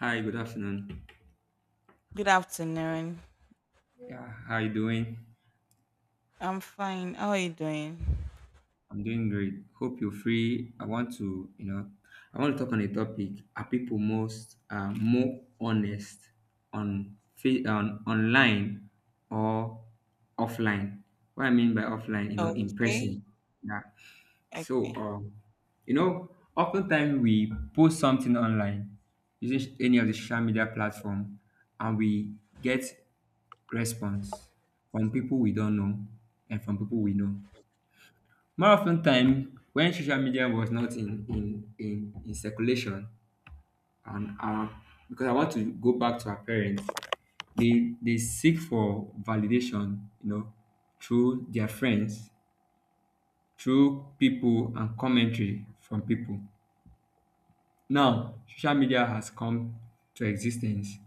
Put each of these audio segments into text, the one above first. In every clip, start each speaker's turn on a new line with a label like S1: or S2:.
S1: Hi, good afternoon.
S2: Good afternoon.
S1: Yeah, how you doing?
S2: I'm fine. How are you doing?
S1: I'm doing great. Hope you're free. I want to, I want to talk on a topic. Are people most more honest on online or offline? What I mean by offline, you know, in
S2: Okay.
S1: person. Yeah. So,
S2: Okay.
S1: um, you know, oftentimes we post something online using any of the social media platform, and we get response from people we don't know and from people we know. More often time, when social media was not in circulation, and our because I want to go back to our parents, they seek for validation, you know, through their friends, through people and commentary from people. Now, social media has come to existence.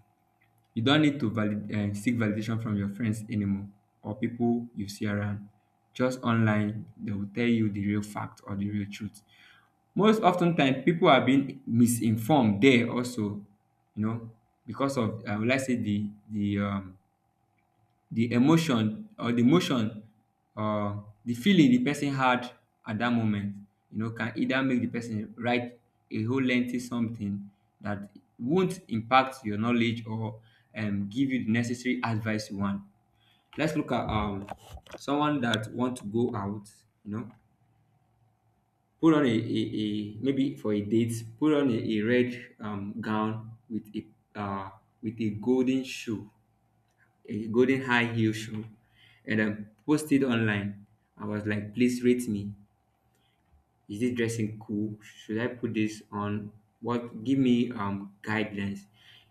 S1: You don't need to seek validation from your friends anymore or people you see around. Just online, they will tell you the real fact or the real truth. Most oftentimes, people are being misinformed there also, you know, because of I would like say the emotion or the motion or the feeling the person had at that moment, you know, can either make the person write a whole lengthy something that won't impact your knowledge or give you the necessary advice you want. Let's look at someone that want to go out, you know, put on a maybe for a date, put on a red gown with a golden shoe a golden high heel shoe and I posted online. I was like, please rate me. Is this dressing cool? Should I put this on? What give me guidelines?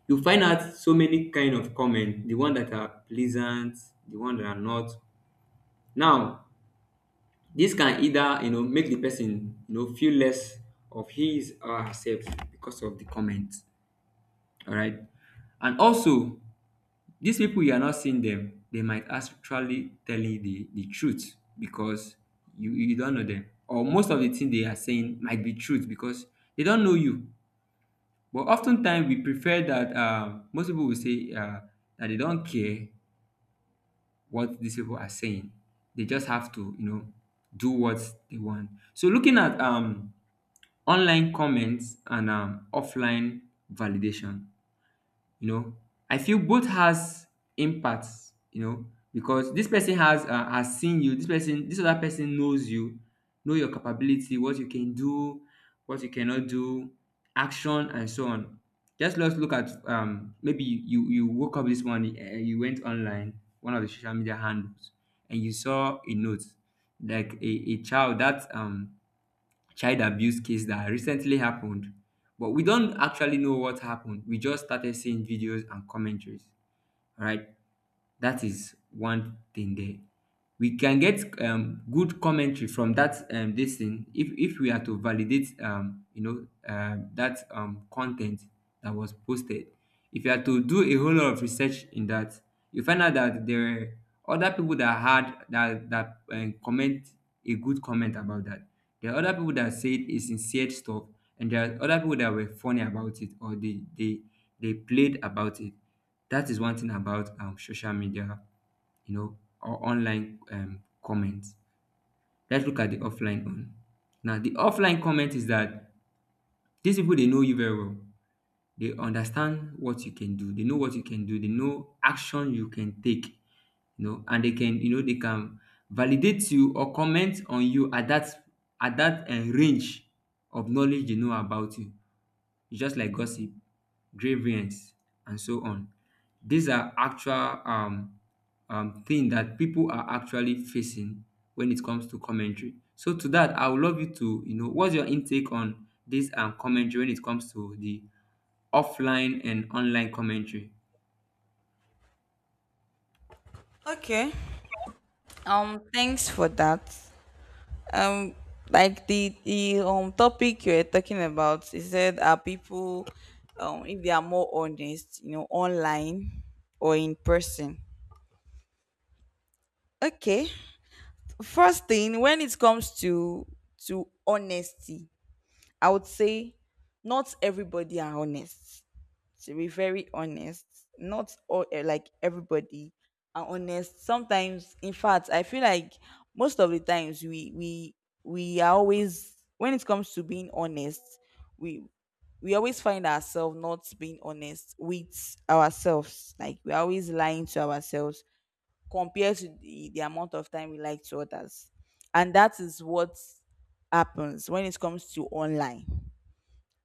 S1: You find out so many kind of comment, the one that are pleasant, the one that are not. Now, this can either, you know, make the person, you know, feel less of his or herself because of the comment. All right. And also these people you are not seeing them, they might actually tell you the truth because you don't know them. Or most of the thing they are saying might be truth because they don't know you. But oftentimes we prefer that most people will say that they don't care what these people are saying. They just have to, you know, do what they want. So looking at online comments and offline validation. You know, I feel both has impacts, you know, because this person has seen you this person this other person knows you know your capability what you can do what you cannot do action and so on. Just let's look at maybe you woke up this morning and you went online one of the social media handles and you saw a note like a child that child abuse case that recently happened, but we don't actually know what happened. We just started seeing videos and commentaries. All right? That is one thing there. We can get good commentary from that this thing if we are to validate you know, that content that was posted. If you are to do a whole lot of research in that, you find out that there were other people that had that that comment a good comment about that. There are other people that said a sincere stuff, and there are other people that were funny about it or they they played about it. That is one thing about social media, you know, or online comments. Let's look at the offline one. Now, the offline comment is that these people they know you very well. They understand what you can do. They know what you can do. They know action you can take. You know, and they can, you know, they can validate you or comment on you at that range of knowledge they know about you. Just like gossip, grievance, and so on. These are actual thing that people are actually facing when it comes to commentary. So to that, I would love you to, you know, what's your intake on this commentary when it comes to the offline and online commentary?
S2: Okay. Thanks for that. Um, like the topic you were talking about, you said, are people if they are more honest, you know, online or in person. Okay. First thing, when it comes to honesty, I would say not everybody are honest. To be very honest, not all like everybody are honest sometimes. In fact, I feel like most of the times we are always, when it comes to being honest, we always find ourselves not being honest with ourselves, like we're always lying to ourselves compared to the amount of time we lie to others. And that is what happens when it comes to online.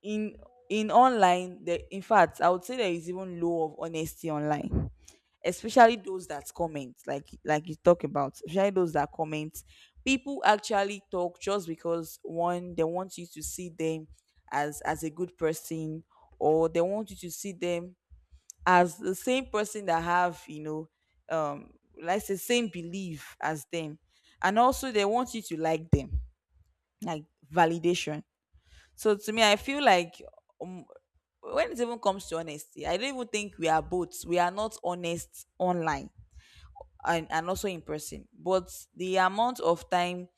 S2: In in online there, in fact, I would say there is even low of honesty online, especially those that comment, like you talk about, especially those that comment. People actually talk just because, one, they want you to see them as a good person, or they want you to see them as the same person that have, you know, um like the same belief as them. And also they want you to like them, like validation. So to me, I feel like um, when it even comes to honesty, I don't even think we are both. We are not honest online and also in person. But the amount of time,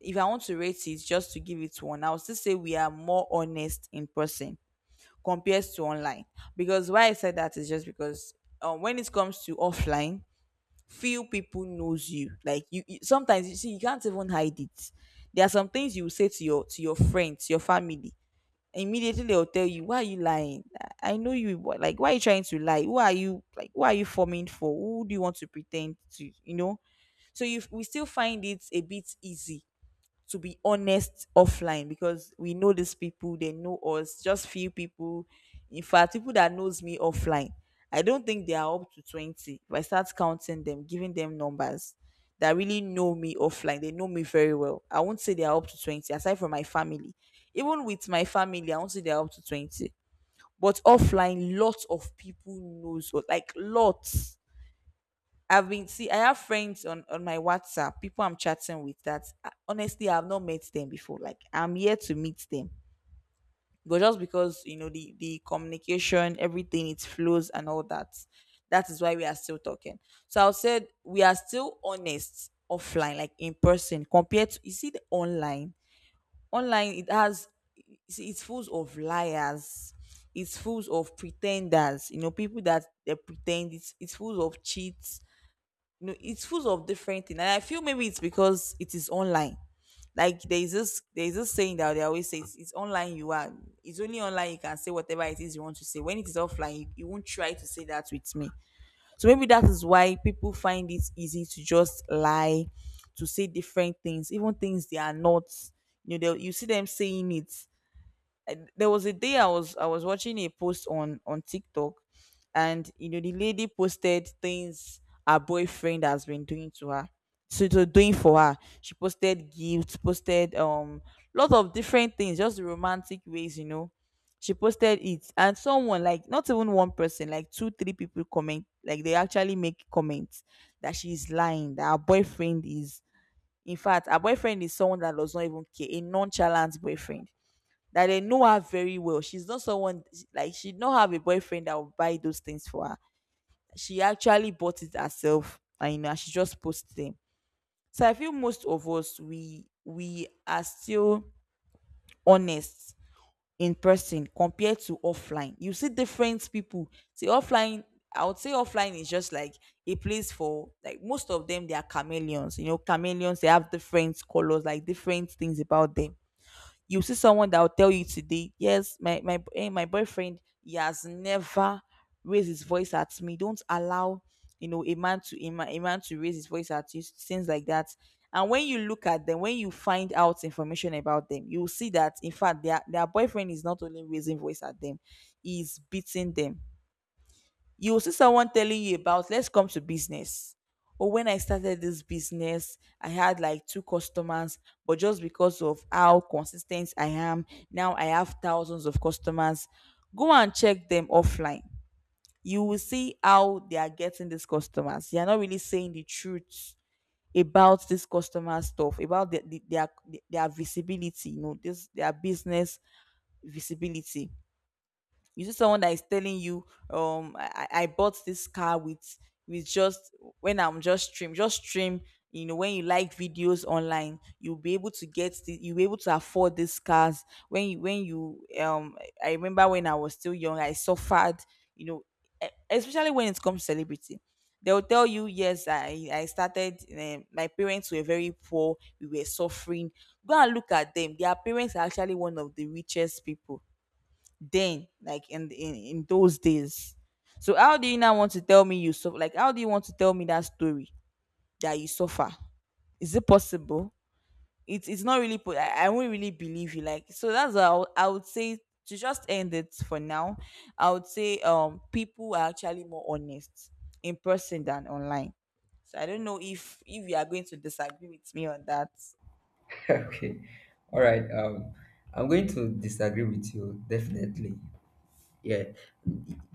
S2: if I want to rate it, just to give it one, I would still say we are more honest in person compared to online. Because why I said that is just because when it comes to offline, few people knows you. Like you sometimes you see you can't even hide it. There are some things you will say to your friends, your family. Immediately, they'll tell you, why are you lying? I know you, but like, why are you trying to lie? Who are you? Like, who are you forming for? Who do you want to pretend to, you know? So you we still find it a bit easy to be honest offline, because we know these people, they know us, just few people. In fact, people that knows me offline, I don't think they are up to 20. If I start counting them, giving them numbers that really know me offline, they know me very well, I won't say they are up to 20, aside from my family. Even with my family, I won't say they are up to 20. But offline, lots of people knows us, like lots. I've been see I have friends on my WhatsApp, people I'm chatting with that, honestly, I've not met them before. Like, I'm here to meet them. But just because, you know, the communication, everything, it flows and all that. That is why we are still talking. So I said we are still honest offline, like in person, compared to, you see, the online. Online it has, it's full of liars, it's full of pretenders, you know, people that they pretend. It's full of cheats, you know, it's full of different things. And I feel maybe it's because it is online. Like, there is this saying that they always say, it's online you are. It's only online you can say whatever it is you want to say. When it is offline, you won't try to say that with me. So maybe that is why people find it easy to just lie, to say different things, even things they are not, you know. You see them saying it. There was a day I was watching a post on TikTok, and you know, the lady posted things her boyfriend has been doing to her, so to doing for her. She posted gifts, posted lot of different things, just romantic ways, you know. She posted it, and someone, like, not even one person, like two, three people comment, like they actually make comments that she's lying, that her boyfriend is. In fact, her boyfriend is someone that does not even care, a nonchalant boyfriend that they know her very well. She's not someone, like, she don't have a boyfriend that will buy those things for her. She actually bought it herself, and you know, she just posted them. So I feel most of us we are still honest in person compared to offline. You see different people. See, offline, I would say offline is just like a place for, like, most of them. They are chameleons. You know, chameleons. They have different colors, like different things about them. You see someone that will tell you today, yes, my boyfriend, he has never raised his voice at me. Don't allow, you know, a man to a man to raise his voice at you. Things like that. And when you look at them, when you find out information about them, you will see that in fact their boyfriend is not only raising voice at them, he's beating them. You will see someone telling you about, let's come to business, or, when I started this business, I had like two customers, but just because of how consistent I am, now I have thousands of customers. Go and check them offline, you will see how they are getting these customers. They are not really saying the truth about this customer stuff, about their visibility, you know, this their business visibility. You see someone that is telling you, I bought this car with just, when I'm just stream, just stream, you know, when you like videos online, you'll be able to get the, you'll be able to afford these cars. When you, when you, I remember when I was still young, I suffered, you know, especially when it comes to celebrity. They'll tell you, yes, I started, my parents were very poor, we were suffering. Go and look at them, their parents are actually one of the richest people then, like, in in those days. So how do you now want to tell me you suffer? Like, how do you want to tell me that story, that you suffer? Is it possible? It's not really I won't really believe you, like. So that's what I would, say, to just end it for now. I would say, people are actually more honest in person than online. So I don't know if you are going to disagree with me on that.
S1: Okay, all right, I'm going to disagree with you definitely. Yeah,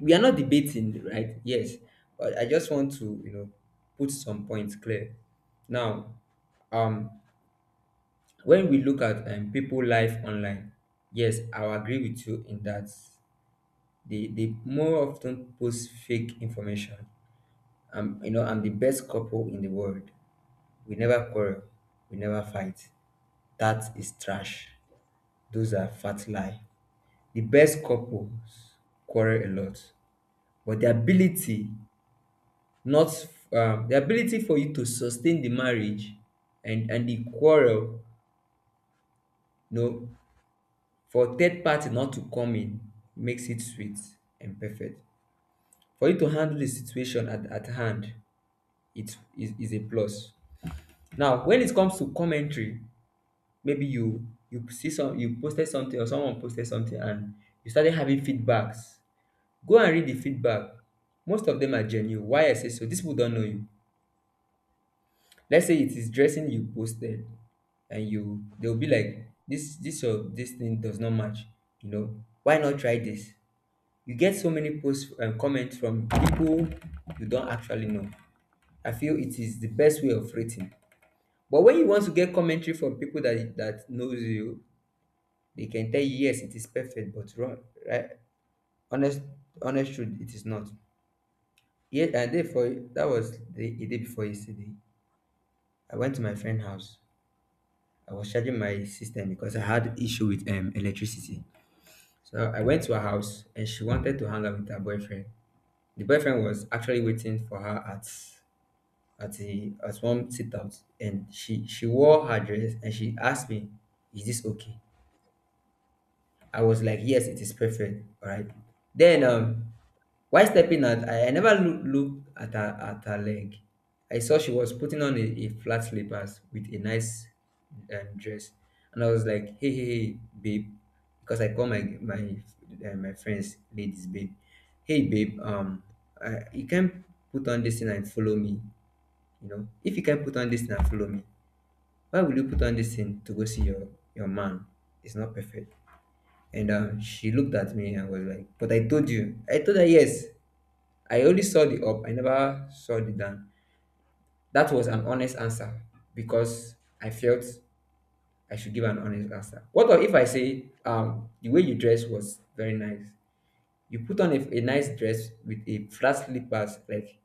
S1: we are not debating, right? Yes, but I just want to, you know, put some points clear. Now, um, when we look at people life online, yes, I will agree with you in that they more often post fake information. You know, I'm the best couple in the world. We never quarrel, we never fight. That is trash. Those are fat lie. The best couples quarrel a lot, but the ability not the ability for you to sustain the marriage and the quarrel, you know, for third party not to come in makes it sweet and perfect for you to handle the situation at hand. It is a plus. Now when it comes to commentary maybe you you see some you posted something or someone posted something and you started having feedbacks. Go and read the feedback. Most of them are genuine. Why I say so, these people don't know you. Let's say it is dressing you posted and you they'll be like this or this thing does not match, you know. Why not try this? You get so many posts and comments from people you don't actually know. I feel it is the best way of rating. But when you want to get commentary from people that that knows you, they can tell you yes, it is perfect, but wrong, right? Honest, honest truth, it is not. Yeah, and therefore that was the day before yesterday. I went to my friend's house. I was charging my system because I had issue with electricity. So I went to her house and she wanted to hang out with her boyfriend. The boyfriend was actually waiting for her at the at one sit out and she wore her dress and she asked me, is this okay? I was like, yes, it is perfect. All right. Then, while stepping out, I never look, looked at her leg. I saw she was putting on a flat slippers with a nice dress, and I was like, hey, hey, hey, babe, because I call my my my friends ladies, babe. Hey, babe, you can put on this thing and follow me. You know, if you can put on this thing and follow me, why would you put on this thing to go see your man? It's not perfect. And she looked at me and was like, but I told you. I told her, yes, I only saw the up, I never saw the down. That was an honest answer because I felt I should give an honest answer. What if I say, the way you dress was very nice? You put on a nice dress with a flat slippers, like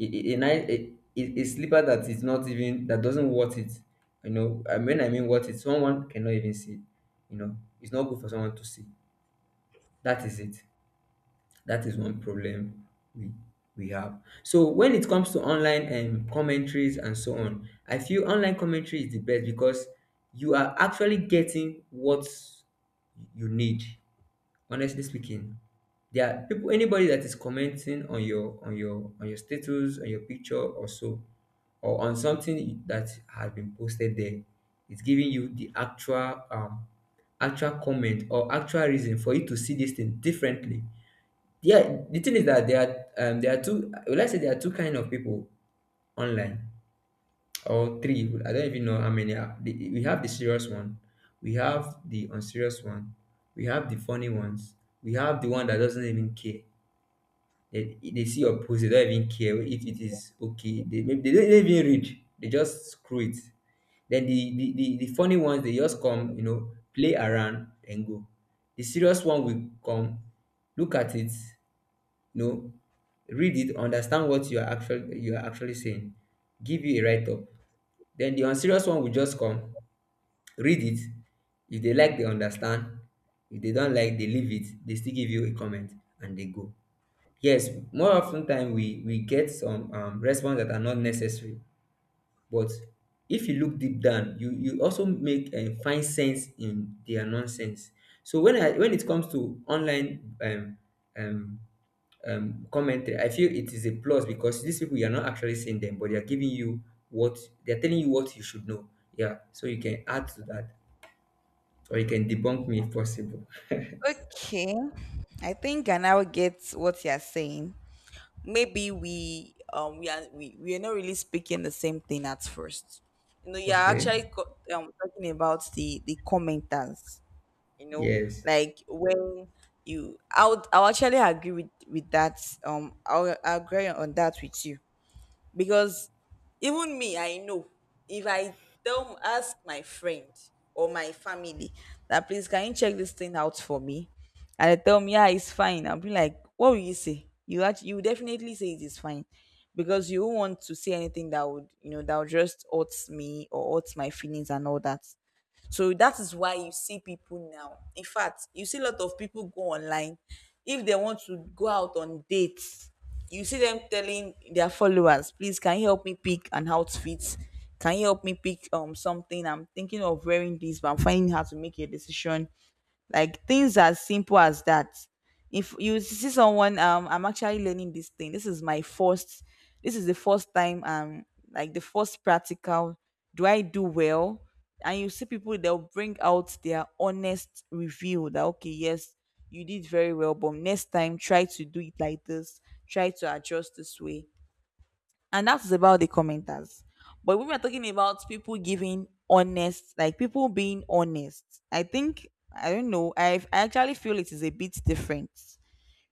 S1: a nice a slipper that is not even, that doesn't worth it. You know, I mean, worth it, someone cannot even see. You know, it's not good for someone to see. That is it. That is one problem we we have. So when it comes to online commentaries and so on, I feel online commentary is the best because you are actually getting what you need. Honestly speaking, there are people anybody that is commenting on your on your on your status, on your picture or so, or on something that has been posted there, it's giving you the actual actual comment or actual reason for you to see this thing differently. Yeah, the thing is that there are two. Well, I say there are two kind of people online or three. I don't even know how many are. We have the serious one, we have the unserious one, we have the funny ones, we have the one that doesn't even care. They see your post they don't even care if it is okay they, maybe they don't even read they just screw it. Then the funny ones they just come, you know, play around and go. The serious one will come look at it, no, read it, understand what you are actually saying, give you a write up. Then the unserious one will just come, read it. If they like, they understand. If they don't like, they leave it. They still give you a comment and they go. Yes, more often time we get some response that are not necessary. But if you look deep down, you also make and find sense in their nonsense. So when it comes to online um, commentary, I feel it is a plus because these people, you're not actually seeing them, but they're giving you what they're telling you what you should know. Yeah, so you can add to that, or you can debunk me if possible.
S2: Okay, I think I now get what you're saying. Maybe we are not really speaking the same thing at first. You know, you're
S1: Okay.
S2: actually talking about the commenters, you know,
S1: Yes.
S2: like, when you, I would actually agree with that. I'll agree on that with you. Because, even me, I know if I tell ask my friend or my family that, please, can you check this thing out for me? And they tell me, yeah, it's fine. I'll be like, what will you say? You actually, you definitely say it is fine, because you won't want to say anything that would, you know, that would just hurt me or hurt my feelings and all that. So that is why you see people now. In fact, you see a lot of people go online. If they want to go out on dates, you see them telling their followers, please, can you help me pick an outfit? Can you help me pick something? I'm thinking of wearing this, but I'm finding how to make a decision, like, things as simple as that. If you see someone, I'm actually learning this thing, this is my first, this is the first time, like the first practical, do I do well? And you see people, they'll bring out their honest review that, okay, yes, you did very well, but next time try to do it like this, try to adjust this way. And that is about the commenters. But when we are talking about people giving honest, like people being honest, I think, I don't know. I actually feel it is a bit different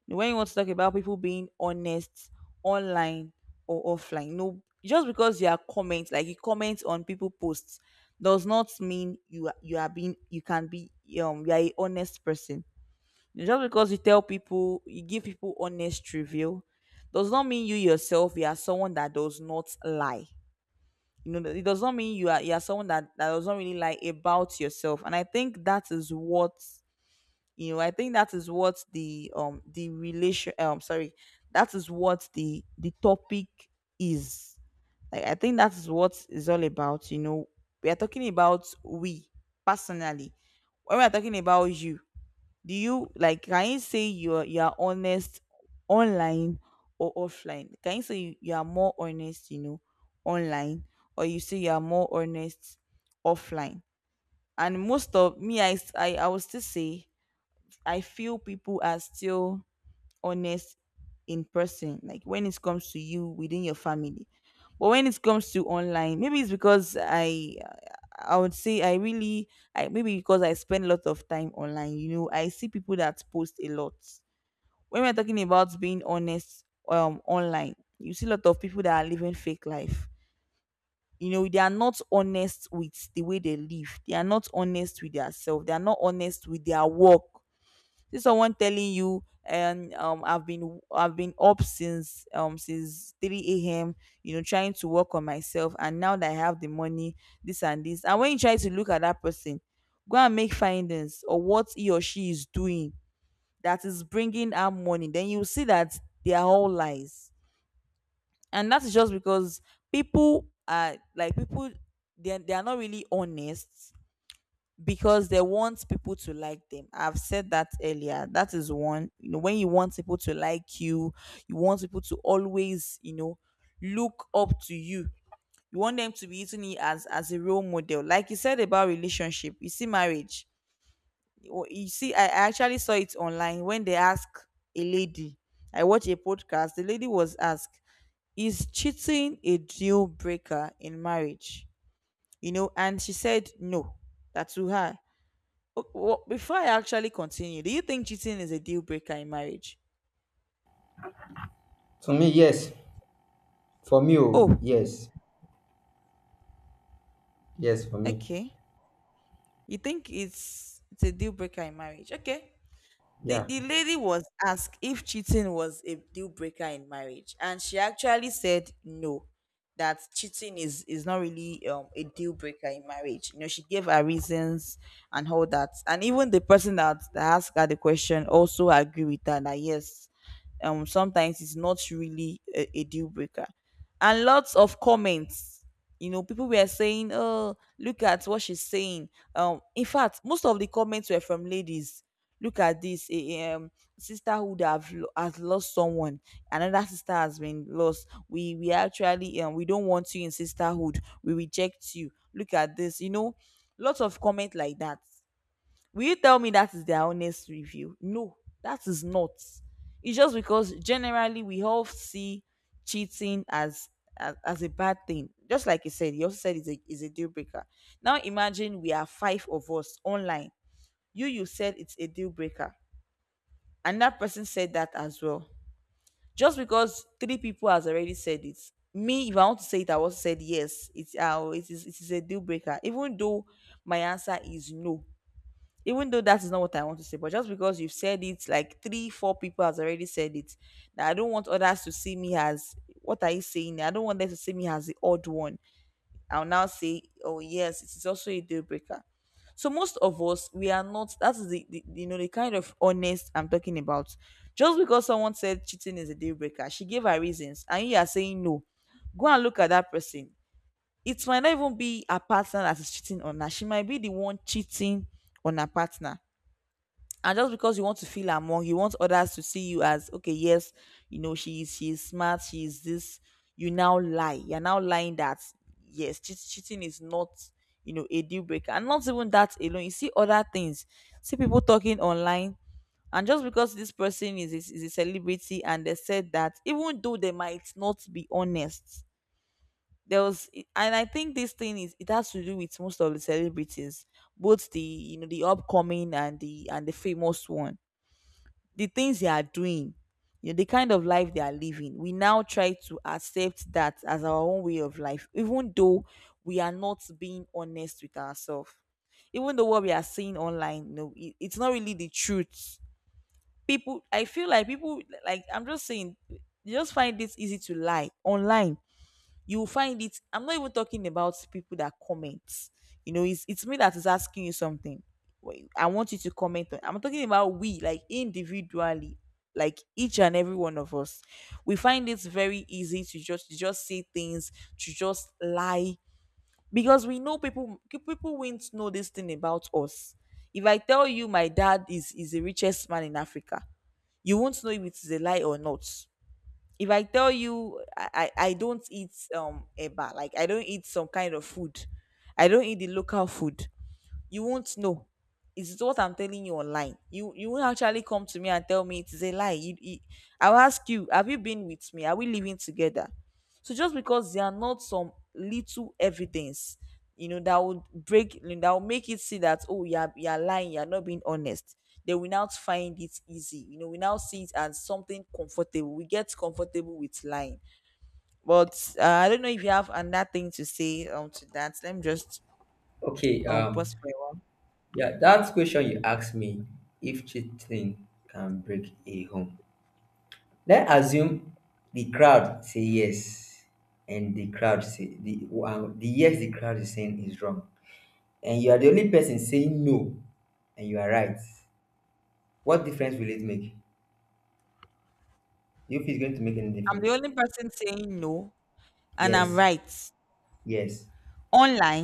S2: when you want to talk about people being honest online or offline. No, just because you are comment, like you comment on people posts, does not mean you are, you are being you can be, you are a honest person. Just because you tell people, you give people honest review, does not mean you yourself, you are someone that does not lie. You know, it does not mean you are, you are someone that does not really lie about yourself. And I think that is what, you know. I think that is what the that is what the topic is. Like I think that is what is all about. We are talking about we personally. When we are talking about you, do you like can you say you're honest online or offline, can you say you are more honest, online, or you say you are more honest offline. And most of me I will still say I feel people are still honest in person, like when it comes to you within your family. But when it comes to online, maybe it's because I would say I really, I maybe because I spend a lot of time online. I see people that post a lot. When we're talking about being honest, online, you see a lot of people that are living fake life. They are not honest with the way they live. They are not honest with themselves. They are not honest with their work. See someone telling you, and I've been up since 3 a.m., trying to work on myself, and now that I have the money, this and this, and when you try to look at that person, go and make findings or what he or she is doing that is bringing out money, then you see that they are all lies. And that is just because people are like people, they are not really honest, because they want people to like them. I've said that earlier. That is one. When you want people to like you want people to always, look up to you. You want them to be using you as a role model. Like you said about relationship, you see marriage. You see, I actually saw it online when they ask a lady. I watched a podcast. The lady was asked, "Is cheating a deal breaker in marriage?" And she said no. That to her... Oh, well, before I actually continue, do you think cheating is a deal breaker in marriage?
S1: To me, yes. For me, oh,
S2: Oh,
S1: yes. Yes, for me.
S2: okay. You think it's a deal breaker in marriage? Okay. the,
S1: Yeah.
S2: the lady was asked if cheating was a deal breaker in marriage, and she actually said no, that cheating is not really a deal breaker in marriage. She gave her reasons and all that. And even the person that asked her the question also agree with her that yes, sometimes it's not really a deal breaker. And lots of comments. People were saying, oh, look at what she's saying. In fact, most of the comments were from ladies. Look at this, a sister who would have has lost someone, another sister has been lost, we actually, we don't want you in sisterhood, we reject you, look at this, lots of comment like that. Will you tell me that is their honest review? No, that is not. It's just because generally we all see cheating as a bad thing, just like you said, you also said it's a deal breaker. Now imagine we are five of us online. You said it's a deal breaker, and that person said that as well. Just because three people has already said it, me if I want to say it, I also said yes. It is a deal breaker. Even though my answer is no, even though that is not what I want to say, but just because you've said it, like three four people has already said it, now I don't want others to see me as, what are you saying? I don't want them to see me as the odd one. I'll now say, oh yes, it is also a deal breaker. So most of us, we are not. That's the you know the kind of honest I'm talking about. Just because someone said cheating is a deal breaker, she gave her reasons, and you are saying no. Go and look at that person. It might not even be a partner that is cheating on her. She might be the one cheating on her partner. And just because you want to feel among, you want others to see you as, okay, yes, she's smart, she's this, you now lie, you're now lying that, yes, cheating is not, a deal breaker. And not even that alone, you see other things. See people talking online, and just because this person is a celebrity and they said that, even though they might not be honest. There was and I think this thing is it has to do with most of the celebrities, both the you know the upcoming and the famous one. The things they are doing, the kind of life they are living, we now try to accept that as our own way of life, even though we are not being honest with ourselves. Even though what we are seeing online, it's not really the truth. People, I feel like people, like I'm just saying, they just find this easy to lie online. You will find it. I'm not even talking about people that comment. It's me that is asking you something. Wait, I want you to comment on I'm talking about we, like individually, like each and every one of us. We find it very easy to just say things, to just lie, because we know people won't know this thing about us. If I tell you my dad is the richest man in Africa, you won't know if it is a lie or not. If I tell you I don't eat eba, like I don't eat some kind of food. I don't eat the local food, you won't know. It's what I'm telling you online. You won't actually come to me and tell me it is a lie. I'll ask you, have you been with me? Are we living together? So just because there are not some little evidence, that will make it see that, oh, you're lying, you're not being honest. They will now find it easy. We now see it as something comfortable. We get comfortable with lying. But I don't know if you have another thing to say to that. Let me just
S1: Okay.
S2: pause for a while.
S1: Yeah. That question you asked me, if cheating can break a home. Let's assume the crowd say yes, and the crowd say the yes the crowd is saying is wrong, and you are the only person saying no and you are right, what difference will it make? Do you feel it's going to make any
S2: I'm the
S1: difference?
S2: only person saying no, and I'm
S1: Yes,
S2: right.
S1: yes.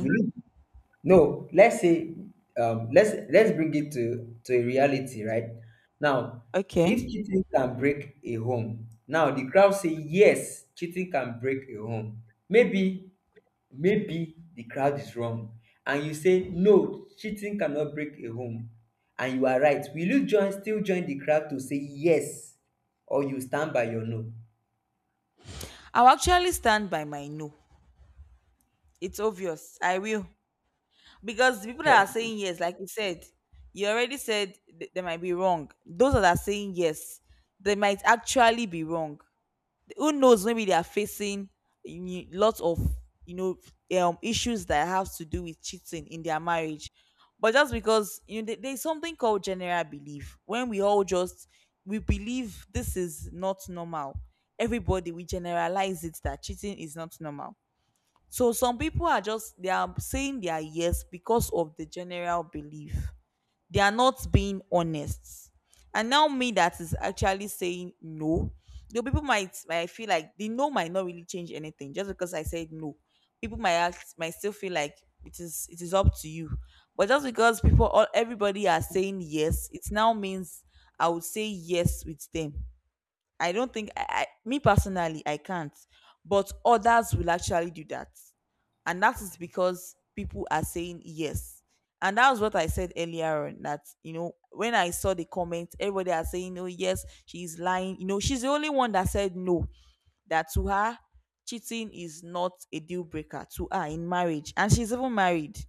S1: Will it? No, let's say let's bring it to a reality, right? Now,
S2: okay.
S1: if cheating can break a home, now the crowd say yes, cheating can break a home. Maybe Maybe the crowd is wrong, and you say no, cheating cannot break a home, and you are right. Will you join still join the crowd to say yes, or you stand by your no?
S2: I'll actually stand by my no. It's obvious. I will. Because the people
S1: Okay.
S2: that are saying yes, like you said, you already said they might be wrong. Those that are saying yes, they might actually be wrong. Who knows, maybe they are facing, you lots of, you know issues that have to do with cheating in their marriage. But just because, there's something called general belief, when we all just, we believe this is not normal, everybody, we generalize it that cheating is not normal. So some people are just, they are saying their yes because of the general belief. They are not being honest. And now me that is actually saying no, the people might, I feel like the no might not really change anything just because I said no. People might ask might still feel like it is up to you. But just because people all everybody are saying yes, it now means I would say yes with them. I don't think I me personally I can't, but others will actually do that, and that is
S1: Okay.
S2: because people are saying yes. And that was what I said earlier on. That, when I saw the comment, everybody are saying, oh yes, she's lying. You know she's the only one that said no. That to her, cheating is not a deal breaker to her in marriage, and she's even married.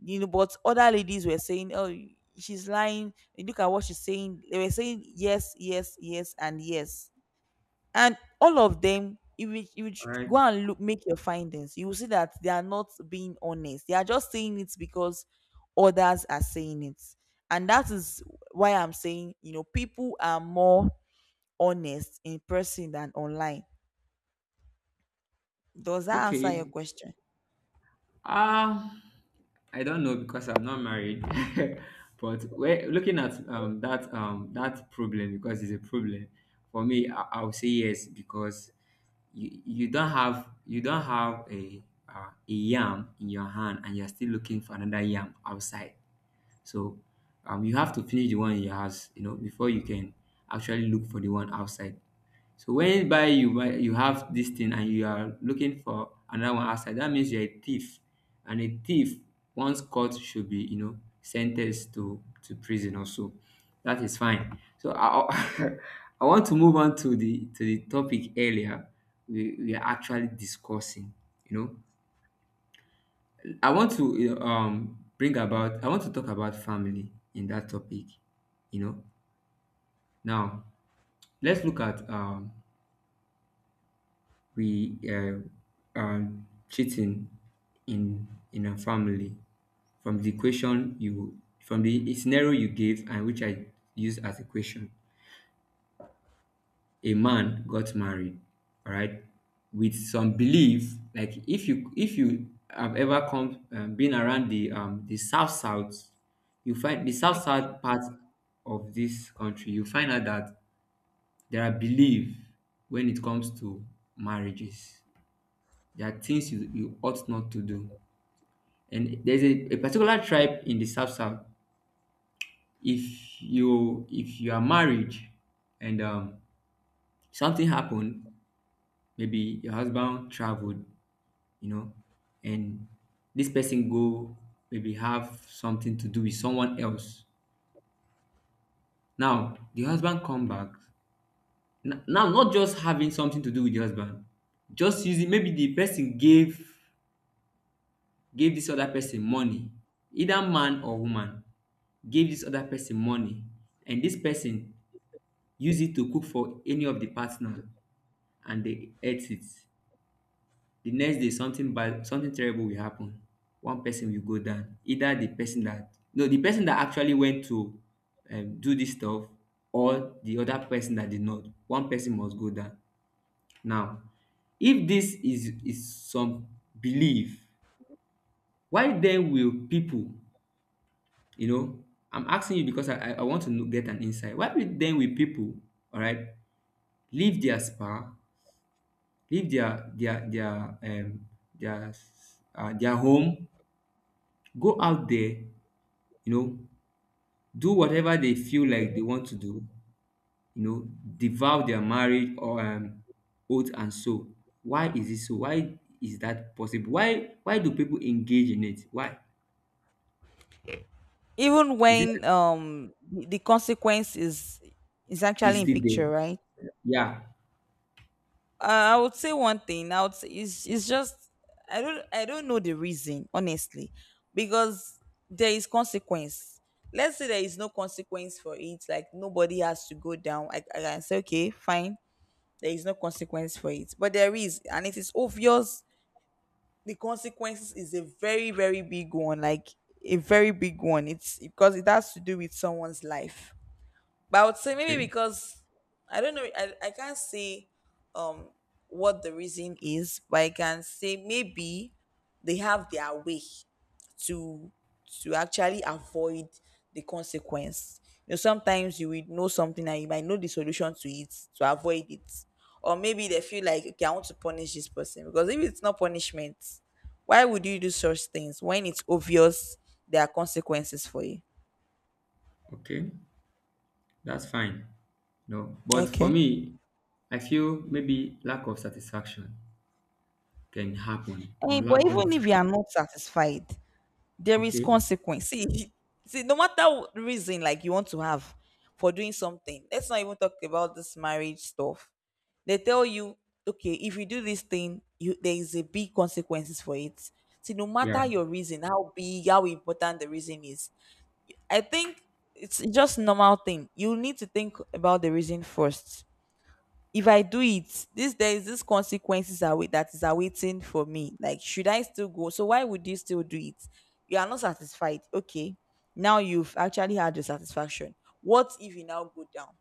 S2: But other ladies were saying, oh, she's lying. Look at what she's saying. They were saying yes, yes, yes, and yes. And all of them, if you, you
S1: All
S2: ch- go
S1: right.
S2: and look, make your findings, you will see that they are not being honest. They are just saying it because others are saying it. And that is why I'm saying, people are more honest in person than online. Does that answer your
S1: Okay.
S2: question?
S1: Um, I don't know because I'm not married. But we are looking at that problem because it's a problem for me. I'll say yes because you don't have a yam in your hand and you're still looking for another yam outside. So you have to finish the one in your house, you know, before you can actually look for the one outside. So when you buy you buy you have this thing and you are looking for another one outside, that means you're a thief. And a thief, once caught, should be, you know, sentenced to prison also. That is fine. So I I want to move on to the topic earlier we are actually discussing. You know, I want to, you know, bring about, I want to talk about family in that topic. You know, now let's look at we cheating in a family, from the scenario you gave and which I used as a question. A man got married, all right, with some belief. Like, if you have ever come been around the south south, you find the south
S2: Okay.
S1: south part of this country, you find out that there are belief when it comes to marriages. There are things you ought not to do. And there's a particular tribe in the south south. If you are married and something happened. Maybe your husband traveled, you know, and this person go, maybe have something to do with someone else. Now the husband come back. Now, not just having something to do with the husband, just using, maybe the person gave this other person money, either man or woman, gave this other person money, and this person use it to cook for any of the partner, and they ate it. The next day something bad, something terrible will happen. One person will go down, either the person that no the person that actually went to do this stuff, or the other person that did not. One person must go down. Now, if this is some belief, why then will people, you know, I'm asking you because I want to know, get an insight, why will then will people, all right, leave their spa leave their their their home, go out there, you know, do whatever they feel like they want to do, you know, devour their marriage or oath and so. Why is it so? Why is that possible? Why do people engage in it? Why?
S2: Even
S1: Is it
S2: when the consequence is
S1: is
S2: actually in
S1: still there?
S2: picture, right?
S1: Yeah.
S2: I would say one thing. I would say it's just, I don't know the reason honestly, because there is consequence. Let's say there is no consequence for it. Like nobody has to go down. I can say, okay, fine. There is no consequence for it, but there is, and it is obvious. The consequences is a very, very big one. Like a very big one. It's because it has to do with someone's life. But I would say maybe
S1: Okay.
S2: because I don't know. I can't say what the reason is, but I can say maybe they have their way to to actually avoid the consequence. Sometimes you will know something and you might know the solution to it to avoid it. Or maybe they feel like, okay, I want to punish this person, because if it's not punishment, why would you do such things when it's obvious there are consequences for you?
S1: Okay. That's fine. No. But for
S2: Okay.
S1: me, I feel maybe lack of satisfaction can happen,
S2: Eh,
S1: or
S2: but
S1: lack
S2: even
S1: of
S2: if you are not satisfied, there is
S1: okay.
S2: consequence. See, see, no matter what reason, like you want to have for doing something, let's not even talk about this marriage stuff. They tell you, okay, if you do this thing, you there is a big consequences for it. See, no matter
S1: Yeah.
S2: your reason, how big, how important the reason is, I think it's just normal thing. You need to think about the reason first. If I do it, this, there is this consequences are that is awaiting for me. Like, should I still go? So why would you still do it? You are not satisfied. Okay, now you've actually had your satisfaction. What if you now go down?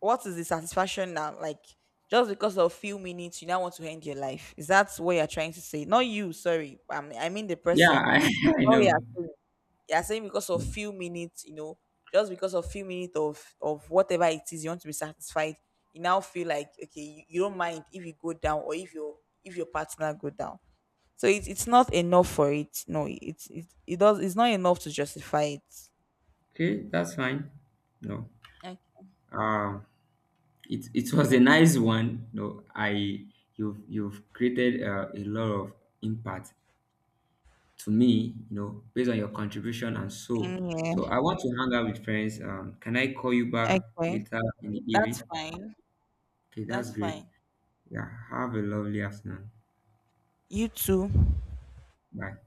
S2: What is the satisfaction now? Like, just because of few minutes, you now want to end your life. Is that what you're trying to say? Not you, sorry. I mean the
S1: Yeah,
S2: person.
S1: I
S2: Oh yeah,
S1: know.
S2: you are saying because of few minutes, just because of few minutes of whatever it is you want to be satisfied, you now feel like, okay, you don't mind if you go down or if your partner go down. So it's not enough for it. No, it's not enough to justify it.
S1: Okay, that's fine. No.
S2: Okay.
S1: Um, it was a nice one no. I You've created a lot of impact to me, you know, based on your contribution and so,
S2: Same
S1: so
S2: here.
S1: I want to hang out with friends, can I call you back
S2: Okay.
S1: later in the
S2: That's
S1: evening?
S2: fine.
S1: Okay, that's
S2: That's
S1: great.
S2: fine.
S1: Yeah, have a lovely afternoon.
S2: You too.
S1: Bye.